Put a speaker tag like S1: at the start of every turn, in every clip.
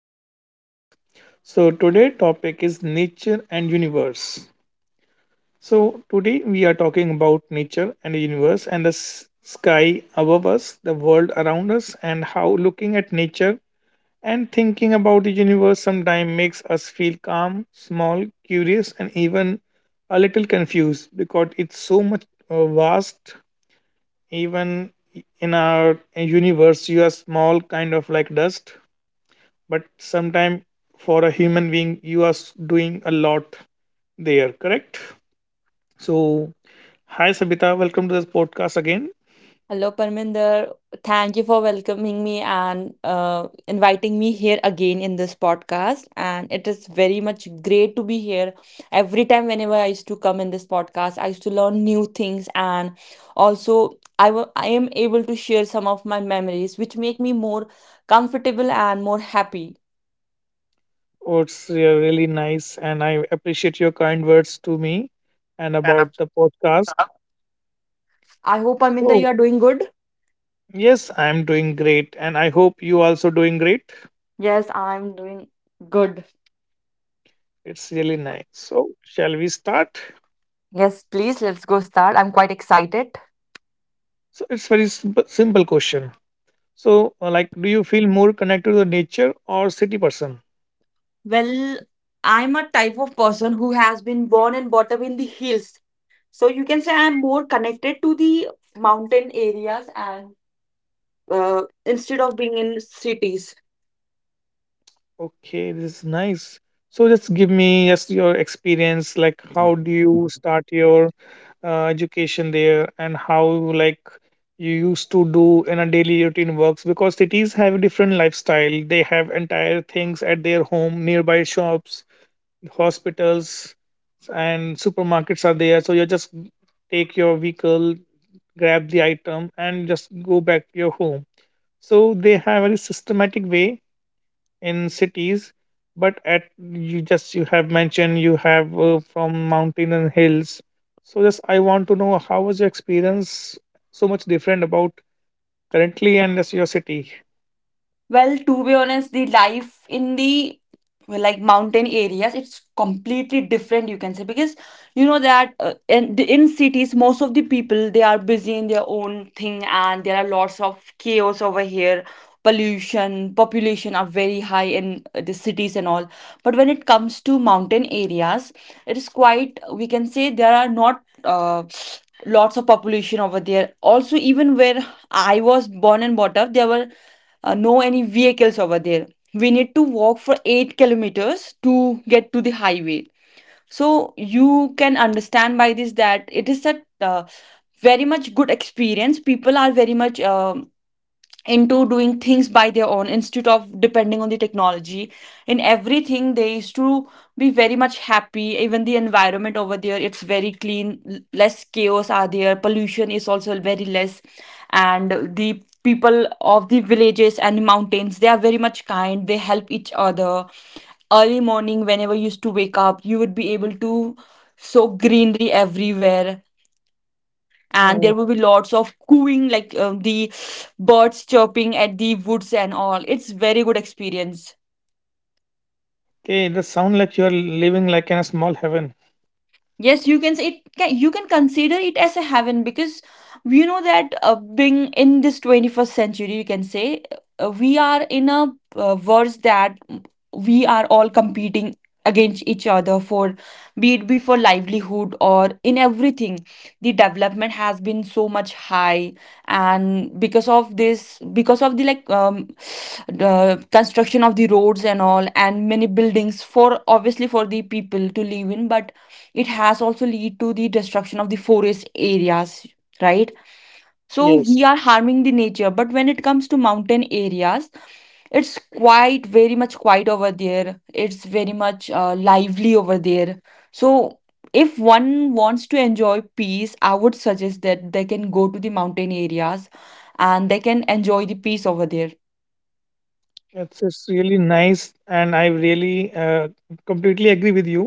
S1: our podcast. So today topic is nature and universe. So today we are talking about nature and the universe and the sky above us, the world around us, and how looking at nature and thinking about the universe sometimes makes us feel calm, small, curious, and even a little confused because it's so much vast. Even in our universe you are small, kind of like dust, but sometime for a human being you are doing a lot there, correct? So hi Sabita, welcome to this podcast again.
S2: Hello, Parminder. Thank you for welcoming me and inviting me here again in this podcast. And it is very much great to be here. Every time, whenever I used to come in this podcast, I used to learn new things. And also, I am able to share some of my memories, which make me more comfortable and more happy.
S1: Oh, it's really nice, and I appreciate your kind words to me and
S2: And
S1: about
S2: I'm-
S1: the podcast.
S2: I hope, Parminder,
S1: So
S2: you are doing good.
S1: yes, I'm doing great, and I hope you also doing great.
S2: Yes, I'm doing good.
S1: It's really nice. So shall we start?
S2: Yes, please, let's go start. I'm quite excited.
S1: So it's very simple question. So like, do you feel more connected to the nature or city person?
S2: Well, I'm a type of person who has been born and brought up in the hills. So you can say I'm more connected to the mountain areas and instead of being in cities.
S1: Okay, this is nice. So just give me just your experience, like how do you start your education there, and how like you used to do in a daily routine works, because cities have different lifestyle. They have entire things at their home, nearby shops, hospitals, and supermarkets are there. So you just take your vehicle, grab the item, and just go back to your home. So they have a very systematic way in cities, but at you just you have mentioned you have from mountain and hills, so just I want to know how was your experience so much different about currently and just your city.
S2: Well, to be honest, the life in the well, like mountain areas, it's completely different, you can say, because you know that in the in cities, most of the people they are busy in their own thing, and there are lots of chaos over here. Pollution, population are very high in the cities and all. But when it comes to mountain areas, it is quite we can say there are not lots of population over there. Also, even where I was born and brought up, there were no any vehicles over there, we need to walk for 8 kilometers to get to the highway. So you can understand by this that it is a uh, very much good experience. People are very much into doing things by their own instead of depending on the technology in everything. They used to be very much happy. Even the environment over there, it's very clean, less chaos are there, pollution is also very less. And the people of the villages and mountains, they are very much kind, they help each other. Early morning whenever you used to wake up, you would be able to sow greenery everywhere, and there
S1: Okay,
S2: will be lots of cooing like the birds chirping at the woods and all. It's very good experience.
S1: it does sound like you're living like in a small heaven.
S2: Yes, you can say it can, you can consider it as a heaven because we know that being in this 21st century, you can say we are in a verse that we are all competing against each other for, be it be for livelihood or in everything. The development has been so much high, and because of this, because of the like the construction of the roads and all and many buildings for, obviously for the people to live in, but it has also lead to the destruction of the forest areas, right? So
S1: Yes,
S2: we are harming the nature. But when it comes to mountain areas, it's quite very much quiet over there, it's very much lively over there. So if one wants to enjoy peace, I would suggest that they can go to the mountain areas, and they can enjoy the peace over there.
S1: it's really nice, and I really completely agree with you,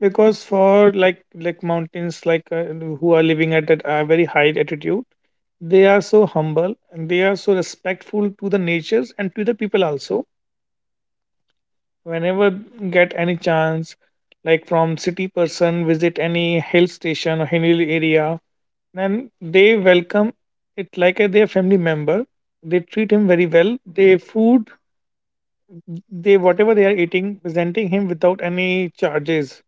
S1: because for like mountains like who are living at a very high altitude, they are so humble and they are so respectful to the natures and to the people also. Whenever get any chance, like from city person visit any hill station or hill area, then they welcome it like a their family member. They treat him very well, they food, they whatever they are eating presenting him without any charges.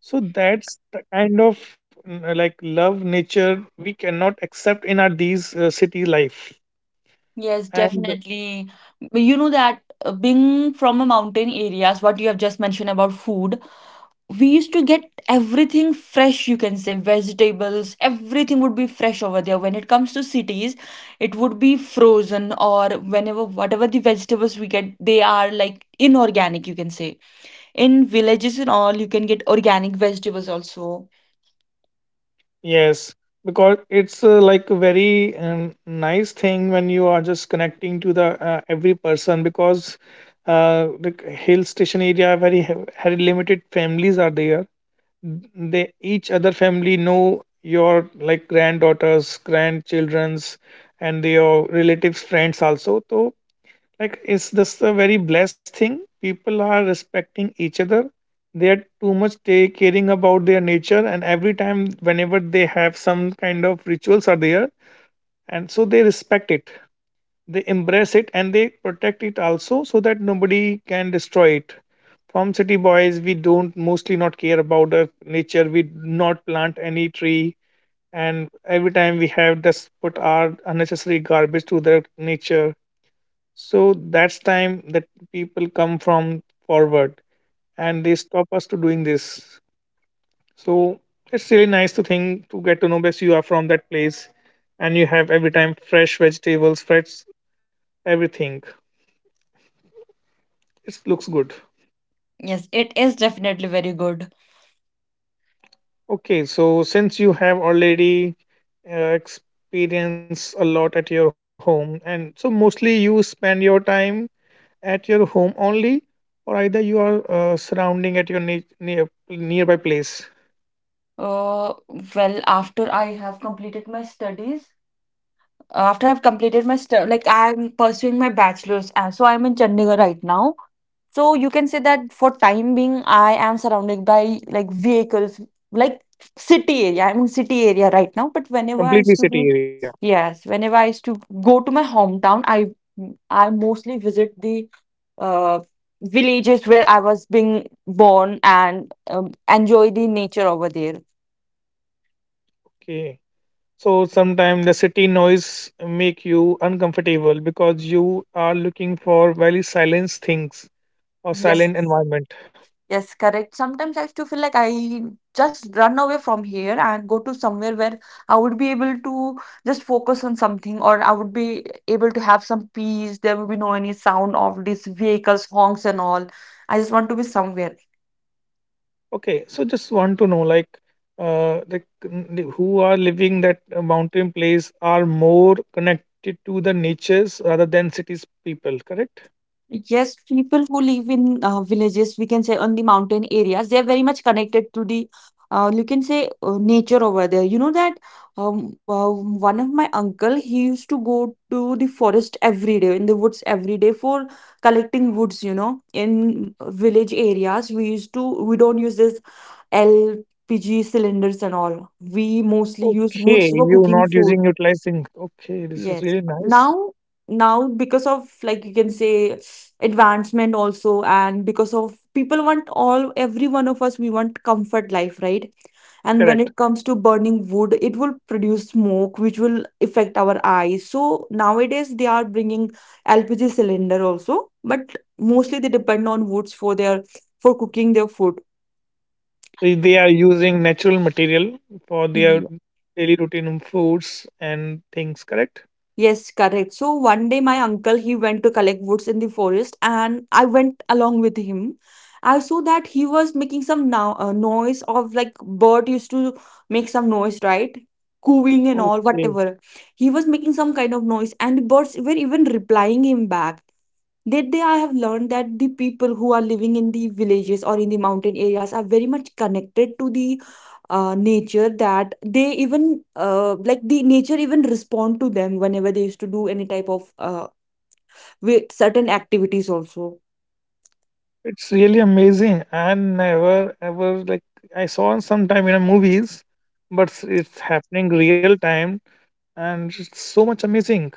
S1: So that's the kind of like love nature we cannot accept in our these city life.
S2: Yes,
S1: And
S2: definitely. You know that being from a mountain areas, what you have just mentioned about food, we used to get everything fresh, you can say. Vegetables, everything would be fresh over there. When it comes to cities, it would be frozen, or whenever, whatever the vegetables we get, they are like inorganic, you can say. In villages and all, you can get organic vegetables also.
S1: yes, because it's like a very nice thing when you are just connecting to the every person, because the hill station area very very limited families are there. They each other family know your like granddaughters, grandchildrens, and your relatives, friends also. So like, is this a very blessed thing? People are respecting each other. They are too much they caring about their nature, and every time, whenever they have some kind of rituals are there, and so they respect it, they embrace it, and they protect it also, so that nobody can destroy it. From city boys, we don't mostly not care about the nature. We not plant any tree, and every time we have just put our unnecessary garbage to the nature. So that's time that people come from forward and they stop us to doing this. So it's really nice to think to get to know best you are from that place, and you have every time fresh vegetables, fresh everything. It looks good.
S2: Yes, it is definitely very good.
S1: Okay, so since you have already experienced a lot at your home, and so mostly you spend your time at your home only, or either you are surrounding at your near nearby place?
S2: uh, well, after I have completed my studies, after I've completed my stu- like I'm pursuing my bachelor's, so I'm in Chandigarh right now. So you can say that for time being, I am surrounded by like vehicles, like city area. I'm in city area right now, but whenever I
S1: Completely
S2: used to be,
S1: city area.
S2: yes, whenever I used to go to my hometown, I mostly visit the uh, villages where I was being born and enjoy the nature over there.
S1: Okay. So sometimes the city noise make you uncomfortable because you are looking for very silent things or silent
S2: Yes.
S1: environment.
S2: Yes, correct. Sometimes I used to feel like I just run away from here and go to somewhere where I would be able to just focus on something, or I would be able to have some peace. There would be no any sound of these vehicles, honks and all. I just want to be somewhere.
S1: Okay. So just want to know, like, the who are living that mountain place are more connected to the natures rather than cities people, correct?
S2: Yes, people who live in villages, we can say on the mountain areas, they're very much connected to the, you can say, nature over there. You know that one of my uncle, he used to go to the forest every day, in the woods every day for collecting woods, you know. In village areas, we don't use this LPG cylinders and all. We mostly use woods
S1: Okay.
S2: for
S1: You
S2: cooking
S1: not
S2: food.
S1: using utilizing. Okay. This is
S2: Yes.
S1: really nice.
S2: Now, now because of like you can say advancement also, and because of people want all, every one of us we want comfort life, right? And when
S1: Correct.
S2: it comes to burning wood, it will produce smoke, which will affect our eyes. So nowadays they are bringing LPG cylinder also, but mostly they depend on woods for their, for cooking their food.
S1: They are using natural material for their daily routine foods and things, correct?
S2: Yes, correct. So one day my uncle he went to collect woods in the forest and I went along with him. I saw that he was making some now noise of like bird used to make some noise, right? Cooing and all,
S1: Okay,
S2: whatever. He was making some kind of noise and the birds were even replying him back. That day I have learned that the people who are living in the villages or in the mountain areas are very much connected to the nature, that they even like the nature even respond to them whenever they used to do any type of with certain activities also.
S1: it's really amazing. I never ever like I saw it sometime in a movies, but it's happening real time, and it's so much amazing,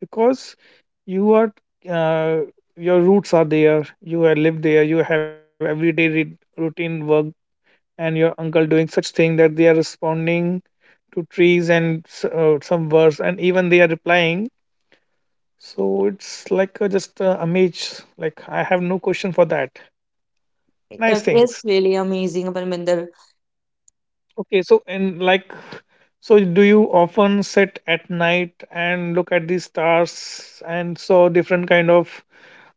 S1: because you are uh, your roots are there, you have lived there, you have everyday routine work, and your uncle doing such thing that they are responding to trees and some words, and even they are replying. So it's like just amaze, like I have no question for that. Nice
S2: It's
S1: things.
S2: really amazing, Parminder.
S1: Okay, so and like, so do you often sit at night and look at the stars and saw different kind of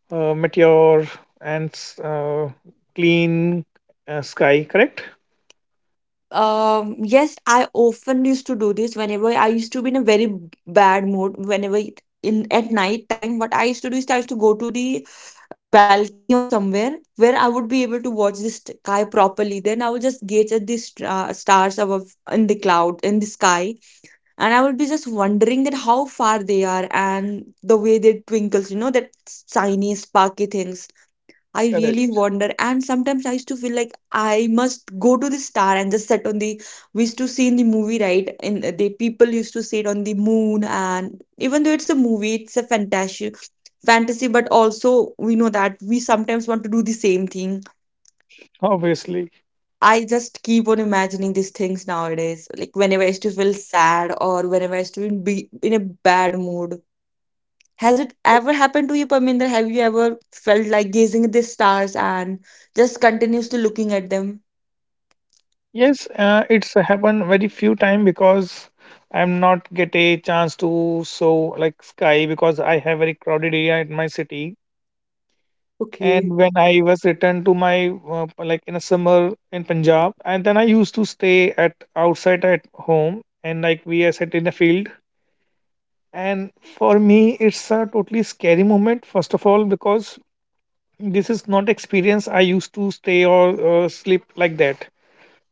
S1: meteor and clean sky, correct?
S2: Yes, I often used to do this. Whenever I used to be in a very bad mood, in at night time, what I used to do is I used to go to the balcony or somewhere where I would be able to watch the sky properly. Then I would just gaze at the stars above in the cloud in the sky, and I would be just wondering that how far they are and the way they twinkles. You know that shiny sparky things, I really
S1: Correct.
S2: wonder. And sometimes I used to feel like I must go to the star and just sit on the, we used to see in the movie, right? And the people used to sit on the moon, and even though it's a movie, it's a fantasy, but also we know that we sometimes want to do the same thing.
S1: Obviously.
S2: I just keep on imagining these things nowadays, like whenever I used to feel sad or whenever I used to be in a bad mood. Has it ever happened to you, Parminder? Have you ever felt like gazing at the stars and just continuously looking at them?
S1: Yes, it's happened very few time because I'm not get a chance to show like sky, because I have very crowded area in my city.
S2: Okay.
S1: And when I was returned to my like in a summer in Punjab, and then I used to stay at outside at home and like we are set in the field. And for me, it's a totally scary moment. First of all, because this is not experience I used to stay or sleep like that.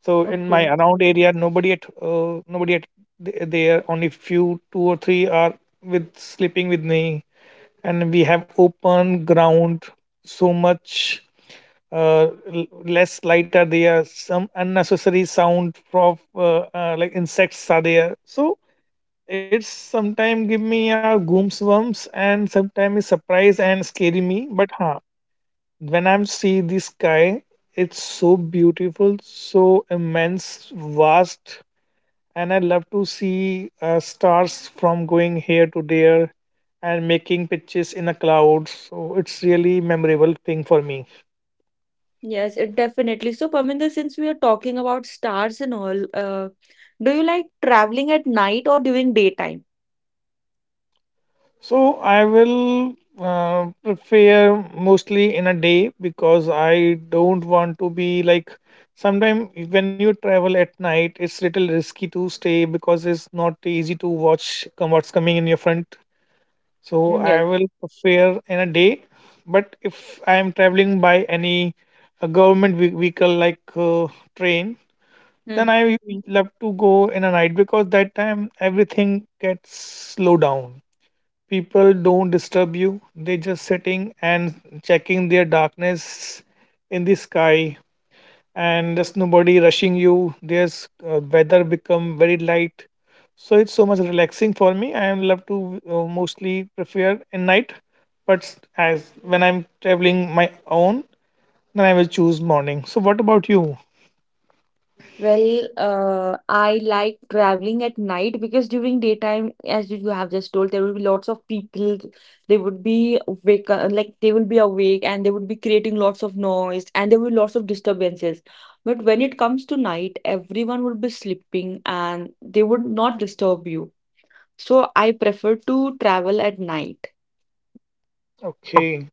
S1: So in my
S2: Okay.
S1: around area, nobody at there. Only few, two or three are with sleeping with me, and we have open ground. So much less light are there. Some unnecessary sound of like insects are there. So it's sometimes give me a goosebumps and sometimes surprise and scary me. But huh, when I'm see the sky, it's so beautiful, so immense, vast, and I love to see stars from going here to there and making pictures in the clouds. So it's really memorable thing for me.
S2: Yes, it definitely. So, Parminder, since we are talking about stars and all, do you like traveling at night or during daytime?
S1: So I will prepare mostly in a day because I don't want to be like sometimes when you travel at night, it's little risky to stay because it's not easy to watch come what's coming in your front. So I
S2: Yes.
S1: will fare in a day. But if I am traveling by any government vehicle like train, then
S2: Hmm.
S1: I love to go in a night because that time everything gets slow down. People don't disturb you. They just sitting and checking their darkness in the sky, and there's nobody rushing you. There's weather become very light, so it's so much relaxing for me. I love to mostly prefer in night, but as when I'm traveling my own, then I will choose morning. So what about you?
S2: Well, I like traveling at night because during daytime, as you have just told, there will be lots of people. They would be awake, like they will be awake, and they would be creating lots of noise, and there will be lots of disturbances. But when it comes to night, everyone would be sleeping, and they would not disturb you. So I prefer to travel at night.
S1: Okay.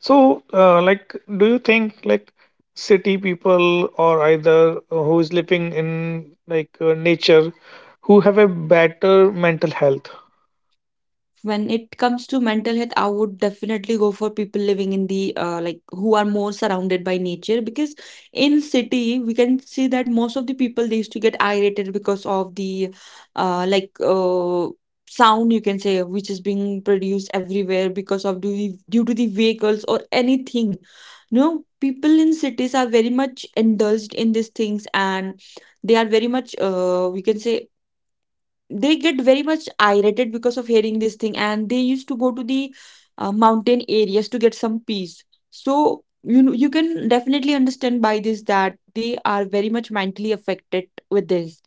S1: So like, do you think like city people or either who is living in like nature, who have a better mental health?
S2: When it comes to mental health, I would definitely go for people living in the like who are more surrounded by nature, because in city we can see that most of the people they used to get irritated because of the uh, like uh, sound, you can say, which is being produced everywhere because of due to the vehicles or anything. No, people in cities are very much indulged in these things, and they are very much we can say they get very much irritated because of hearing this thing, and they used to go to the mountain areas to get some peace. So you know, you can definitely understand by this that they are very much mentally affected with this.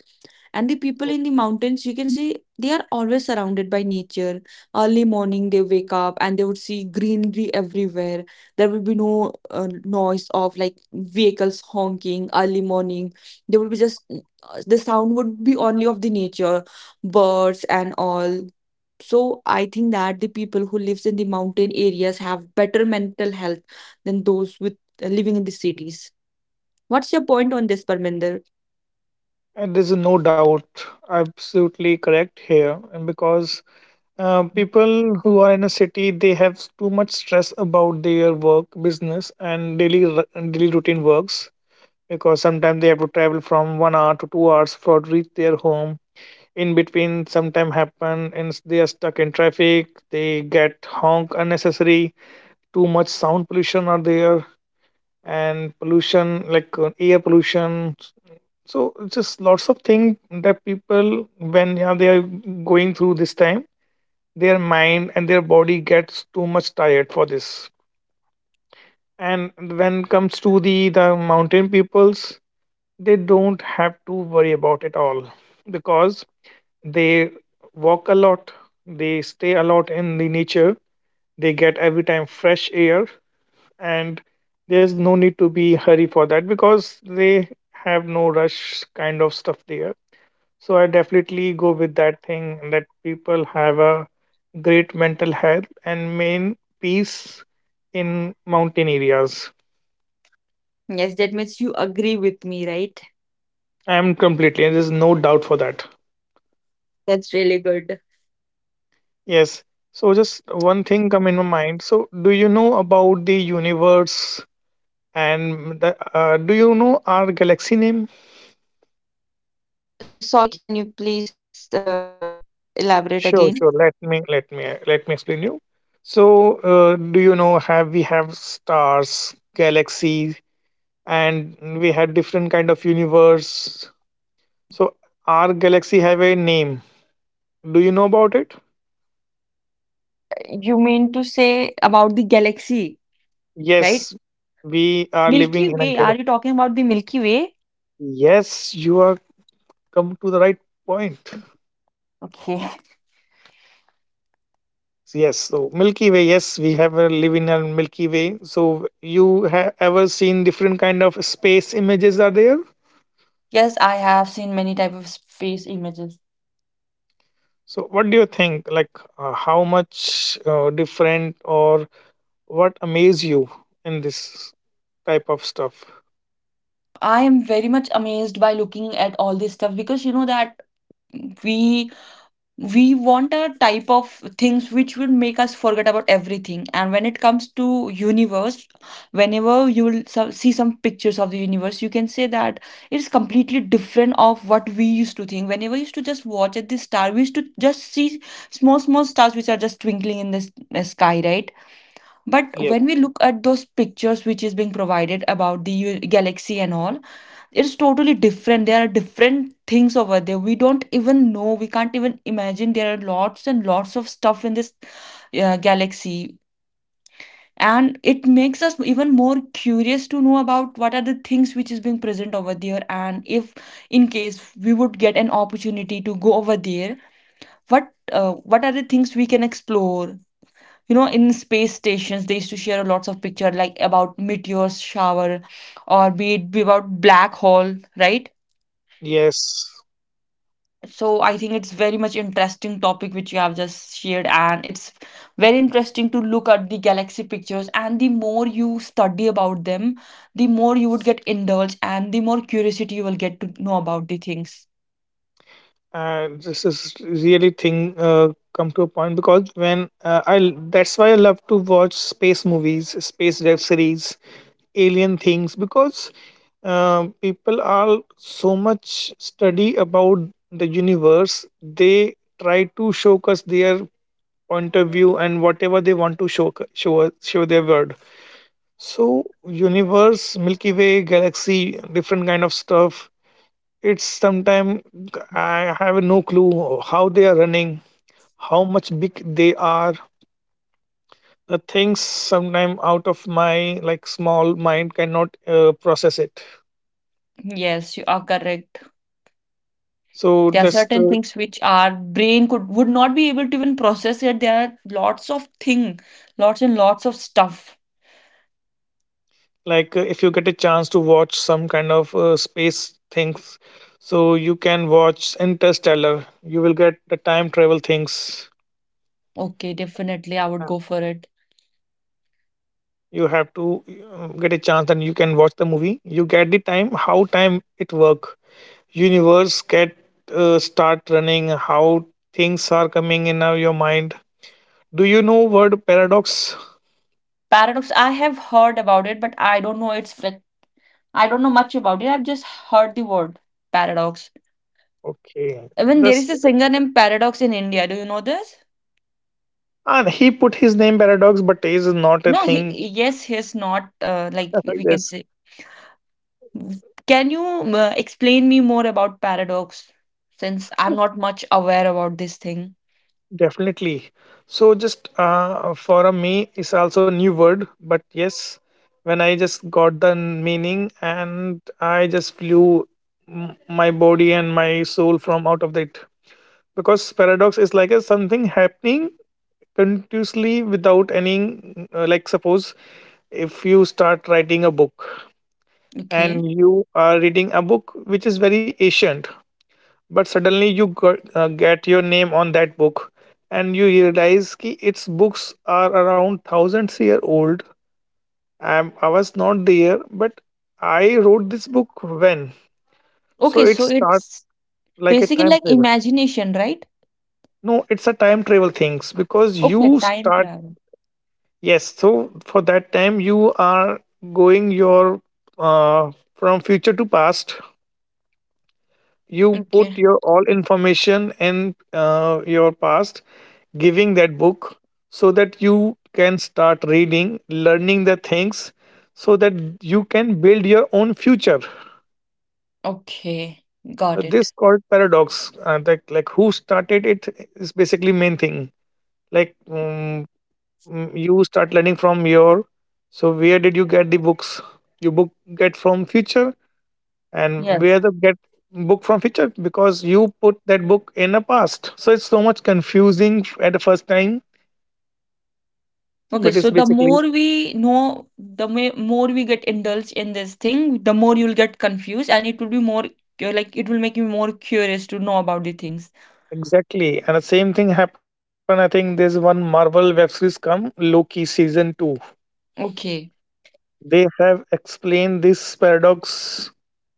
S2: And the people in the mountains, you can see they are always surrounded by nature. Early morning, they wake up and they would see greenery everywhere. There will be no noise of like vehicles honking early morning. There would be just the sound would be only of the nature, birds and all. So I think that the people who lives in the mountain areas have better mental health than those with living in the cities. What's your point on this, Parminder?
S1: And there's no doubt, absolutely correct here, and because people who are in a city, they have too much stress about their work, business, and daily daily routine works, because sometimes they have to travel from 1 hour to 2 hours for reach their home. In between, sometime happen and they are stuck in traffic. They get honk unnecessary. Too much sound pollution are there, and pollution like air pollution. So it's just lots of things that people when yeah, they are going through this time, their mind and their body gets too much tired for this. And when comes to the mountain peoples, they don't have to worry about it all, because they walk a lot, they stay a lot in the nature, they get every time fresh air, and there's no need to be hurry for that because they have no rush kind of stuff there. So I definitely go with that thing that people have a great mental health and main peace in mountain areas.
S2: Yes, that means you agree with me, right?
S1: I am completely, there's no doubt for that.
S2: That's really good.
S1: Yes. So just one thing come in my mind. So do you know about the universe and the, do you know our galaxy name?
S2: Sorry, can you please elaborate
S1: Sure,
S2: again?
S1: sure. Let me explain you. So do you know have we have stars, galaxy, and we have different kind of universe. So our galaxy have a name. Do you know about it?
S2: You mean to say about the galaxy, right?
S1: Yes, we are living
S2: Milky
S1: in a
S2: Way. Are
S1: galaxy.
S2: you talking about the Milky Way?
S1: Yes, you are come to the right point.
S2: Okay.
S1: Yes, so Milky Way. Yes, we have a live in a Milky Way. So you have ever seen different kind of space images are there?
S2: Yes, I have seen many type of space images.
S1: So what do you think? Like how much different or what amaze you in this type of stuff?
S2: I am very much amazed by looking at all this stuff because you know that we we want a type of things which will make us forget about everything. And when it comes to universe, whenever you will see some pictures of the universe, you can say that it's completely different of what we used to think. Whenever we used to just watch at the star, we used to just see small small stars which are just twinkling in the sky, right? But when we
S1: Yes.
S2: look at those pictures which is being provided about the galaxy and all, it's totally different. There are different things over there we don't even know, we can't even imagine. There are lots and lots of stuff in this galaxy, and it makes us even more curious to know about what are the things which is being present over there. And if in case we would get an opportunity to go over there, what what are the things we can explore? You know, in space stations, they used to share lots of picture, like about meteors shower or be it be about black hole, right?
S1: Yes.
S2: So I think it's very much interesting topic which you have just shared, and it's very interesting to look at the galaxy pictures. And the more you study about them, the more you would get indulged, and the more curiosity you will get to know about the things.
S1: This is really thing come to a point, because when I that's why I love to watch space movies, space web series, alien things because people are so much study about the universe. They try to show us their point of view and whatever they want to show show their word. So universe, Milky Way, galaxy, different kind of stuff. It's sometime I have no clue how they are running, how much big they are. The things sometime out of my like small mind cannot process it.
S2: Yes, you are correct.
S1: So
S2: There are
S1: just.
S2: certain things which our brain could would not be able to even process. Yet there are lots of thing lots and lots of stuff.
S1: If you get a chance to watch some kind of space things, so you can watch Interstellar. You will get the time travel things.
S2: Okay, definitely
S1: Uh,
S2: I would go for it.
S1: you have to get a chance and you can watch the movie. You get the time, how time it work, universe get start running, how things are coming in your mind. Do you know word paradox?
S2: Paradox, I have heard about it, but I don't know its I don't know much about it. I've just heard the word paradox.
S1: Okay,
S2: Even there
S1: this,
S2: is a singer named Paradox in India. Do you know this?
S1: and he put his name Paradox, but is not a
S2: No,
S1: thing.
S2: yes, he's not. Like we can
S1: Yes.
S2: say, can you explain me more about paradox? Since I'm not much aware about this thing.
S1: Definitely. So just for me is also new word, but yes, when I just got the meaning and I just flew my body and my soul from out of it, because paradox is like a something happening continuously without any, like suppose if you start writing a book
S2: Okay.
S1: and you are reading a book which is very ancient, but suddenly you got, get your name on that book and you realize ki its books are around thousands year old. I was not there, but I wrote this book when, so
S2: Okay,
S1: it
S2: so
S1: starts
S2: it's
S1: like a
S2: basically
S1: time
S2: like
S1: travel.
S2: imagination, right?
S1: No, it's a time travel things because
S2: Okay,
S1: you
S2: time
S1: start,
S2: travel.
S1: yes, so for that time you are going your from future to past. You put
S2: Okay.
S1: your all information in your past, giving that book, so that you can start reading, learning the things, so that you can build your own future.
S2: Okay, got it.
S1: This called paradox. That like who started it is basically main thing. Like um, you start learning from your. So where did you get the books? You book get from future, and where
S2: Yes.
S1: the get book from future, because you put that book in the past. So it's so much confusing at the first time,
S2: Okay,
S1: but it's
S2: so the
S1: basically,
S2: more we know, the more we get indulged in this thing, the more you'll get confused, and it will be more like it will make you more curious to know about the things.
S1: exactly. And the same thing happened. I think there's one Marvel web series come, Loki season 2.
S2: Okay,
S1: They have explained this paradox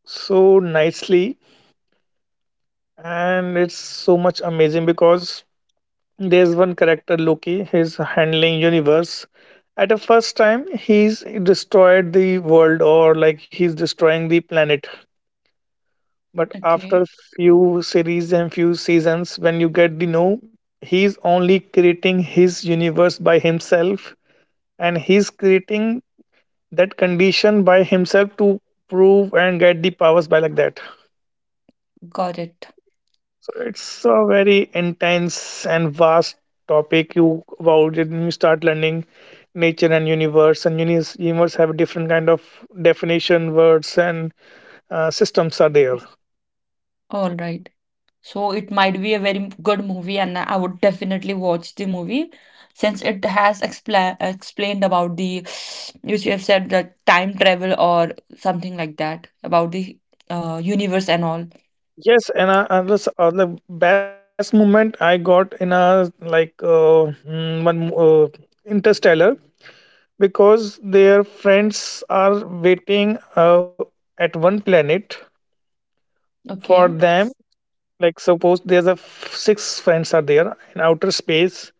S1: so nicely, and it's so much amazing because there's one character, Loki, he's handling universe. At the first time, he's destroyed the world, or like he's destroying the planet. But
S2: okay,
S1: after few series and few seasons, when you get the know, he's only creating his universe by himself, and he's creating that condition by himself to prove and get the powers by like that.
S2: got it.
S1: So it's a very intense and vast topic you about it, and you start learning nature and universe, and universe have different kind of definition words and systems are there.
S2: All right. So it might be a very good movie, and I would definitely watch the movie, since it has explained about the, which you have said, the time travel or something like that, about the universe and all.
S1: Yes, and I was, the best moment I got in a like one Interstellar, because their friends are waiting at one planet for
S2: Okay.
S1: them. Like suppose there's a six friends are there in outer space.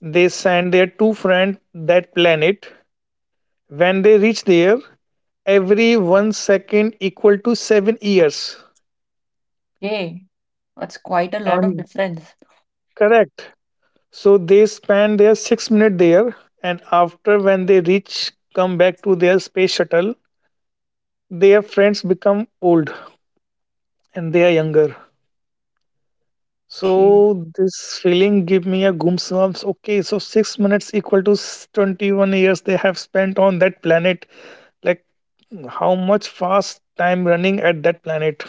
S1: They send their two friend that planet. When they reach there, every 1 second equal to 7 years.
S2: Yay, that's quite a lot of
S1: And
S2: difference.
S1: correct, so they spend their 6 minute there, and after when they reach come back to their space shuttle, their friends become old and they are younger.
S2: Okay.
S1: So this feeling give me a goosebumps. Okay, so 6 minutes equal to 21 years they have spent on that planet. Like how much fast time running at that planet?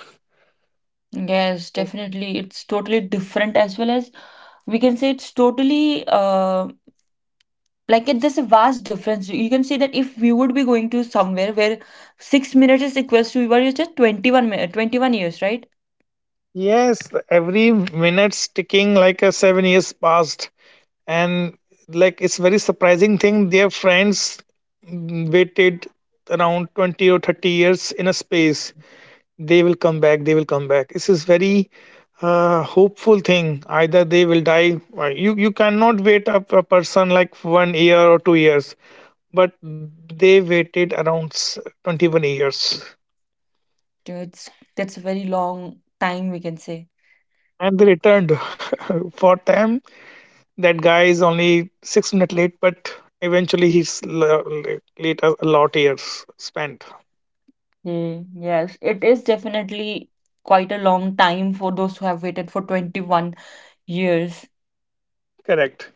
S2: Yes,
S1: Oh,
S2: definitely. It's totally different. As well as we can say it's totally uh, like it, there's a vast difference. You can say that if we would be going to somewhere where 6 minutes is equals to we were just 21 minutes, 21 years, right?
S1: yes, every minute's ticking like a 7 years passed, and like it's very surprising thing. Their friends, waited around 20 or 30 years in a space. They will come back. They will come back. This is very hopeful thing. Either they will die. You cannot wait up a person like 1 year or 2 years, but they waited around 21 years
S2: So it's, that's a very long time, we can say.
S1: and they returned for them. That guy is only 6 minutes late, but eventually late a lot years spent.
S2: Mm, yes, it is definitely quite a long time for those who have waited for 21 years.
S1: Correct.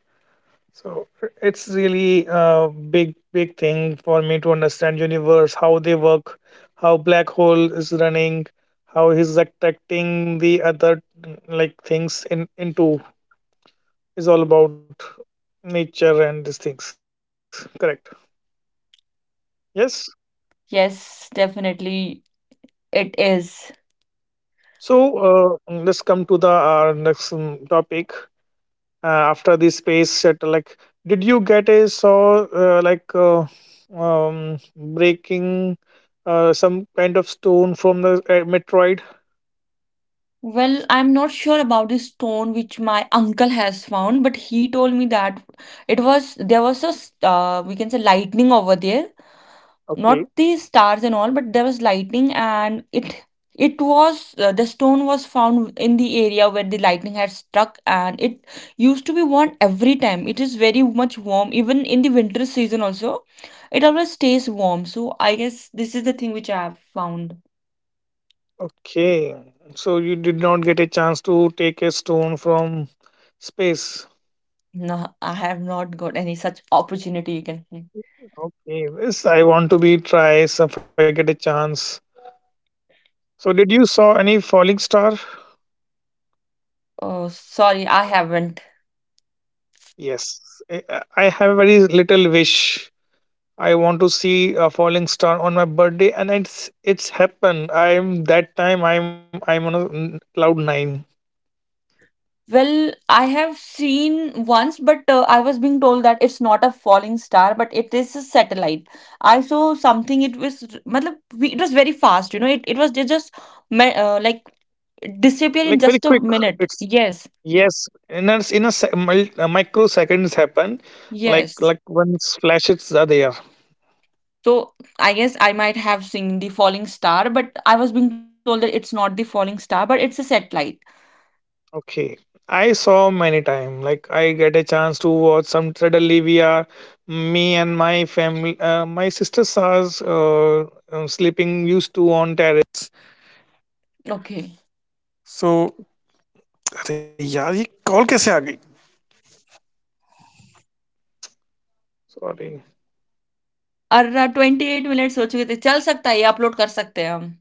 S1: So it's really a big, big thing for me to understand universe, how they work, how black hole is running, how he's attracting the other, like things in into is all about nature and these things. Correct. Yes.
S2: Yes, definitely it is.
S1: So let's come to the our next topic. After the space shuttle, like did you get a saw like breaking some kind of stone from the metroid?
S2: Well, I'm not sure about this stone which my uncle has found, but he told me that it was, there was a s- we can say lightning over there,
S1: Okay,
S2: not the stars and all, but there was lightning. And it was the stone was found in the area where the lightning had struck, and it used to be worn every time. It is very much warm, even in the winter season also. It always stays warm, so I guess this is the thing which I have found.
S1: okay, so you did not get a chance to take a stone from space?
S2: No, I have not got any such opportunity, you can say.
S1: Okay, this I want to be try, so if I get a chance, so did you saw any falling star?
S2: Oh, sorry, I haven't.
S1: Yes. I have very little wish. I want to see a falling star on my birthday, and it's happened. I'm that time. I'm on a cloud nine,
S2: Well, I have seen once, but I was being told that it's not a falling star, but it is a satellite. I saw something. It was, matlab, it was very fast. You know, it was it just like disappear
S1: like
S2: in
S1: very
S2: just a
S1: quick.
S2: minute.
S1: It's,
S2: Yes,
S1: yes, in a microseconds happen,
S2: yes.
S1: like once flashes are there.
S2: So I guess I might have seen the falling star, but I was being told that it's not the falling star, but it's a satellite.
S1: Okay, I saw many time. Like I get a chance to watch some. Suddenly we are me and my family. My sister saw us sleeping used to on
S2: Okay. अर्रा twenty eight minutes हो चुके थे, चल सकता है, ये upload कर सकते हैं हम?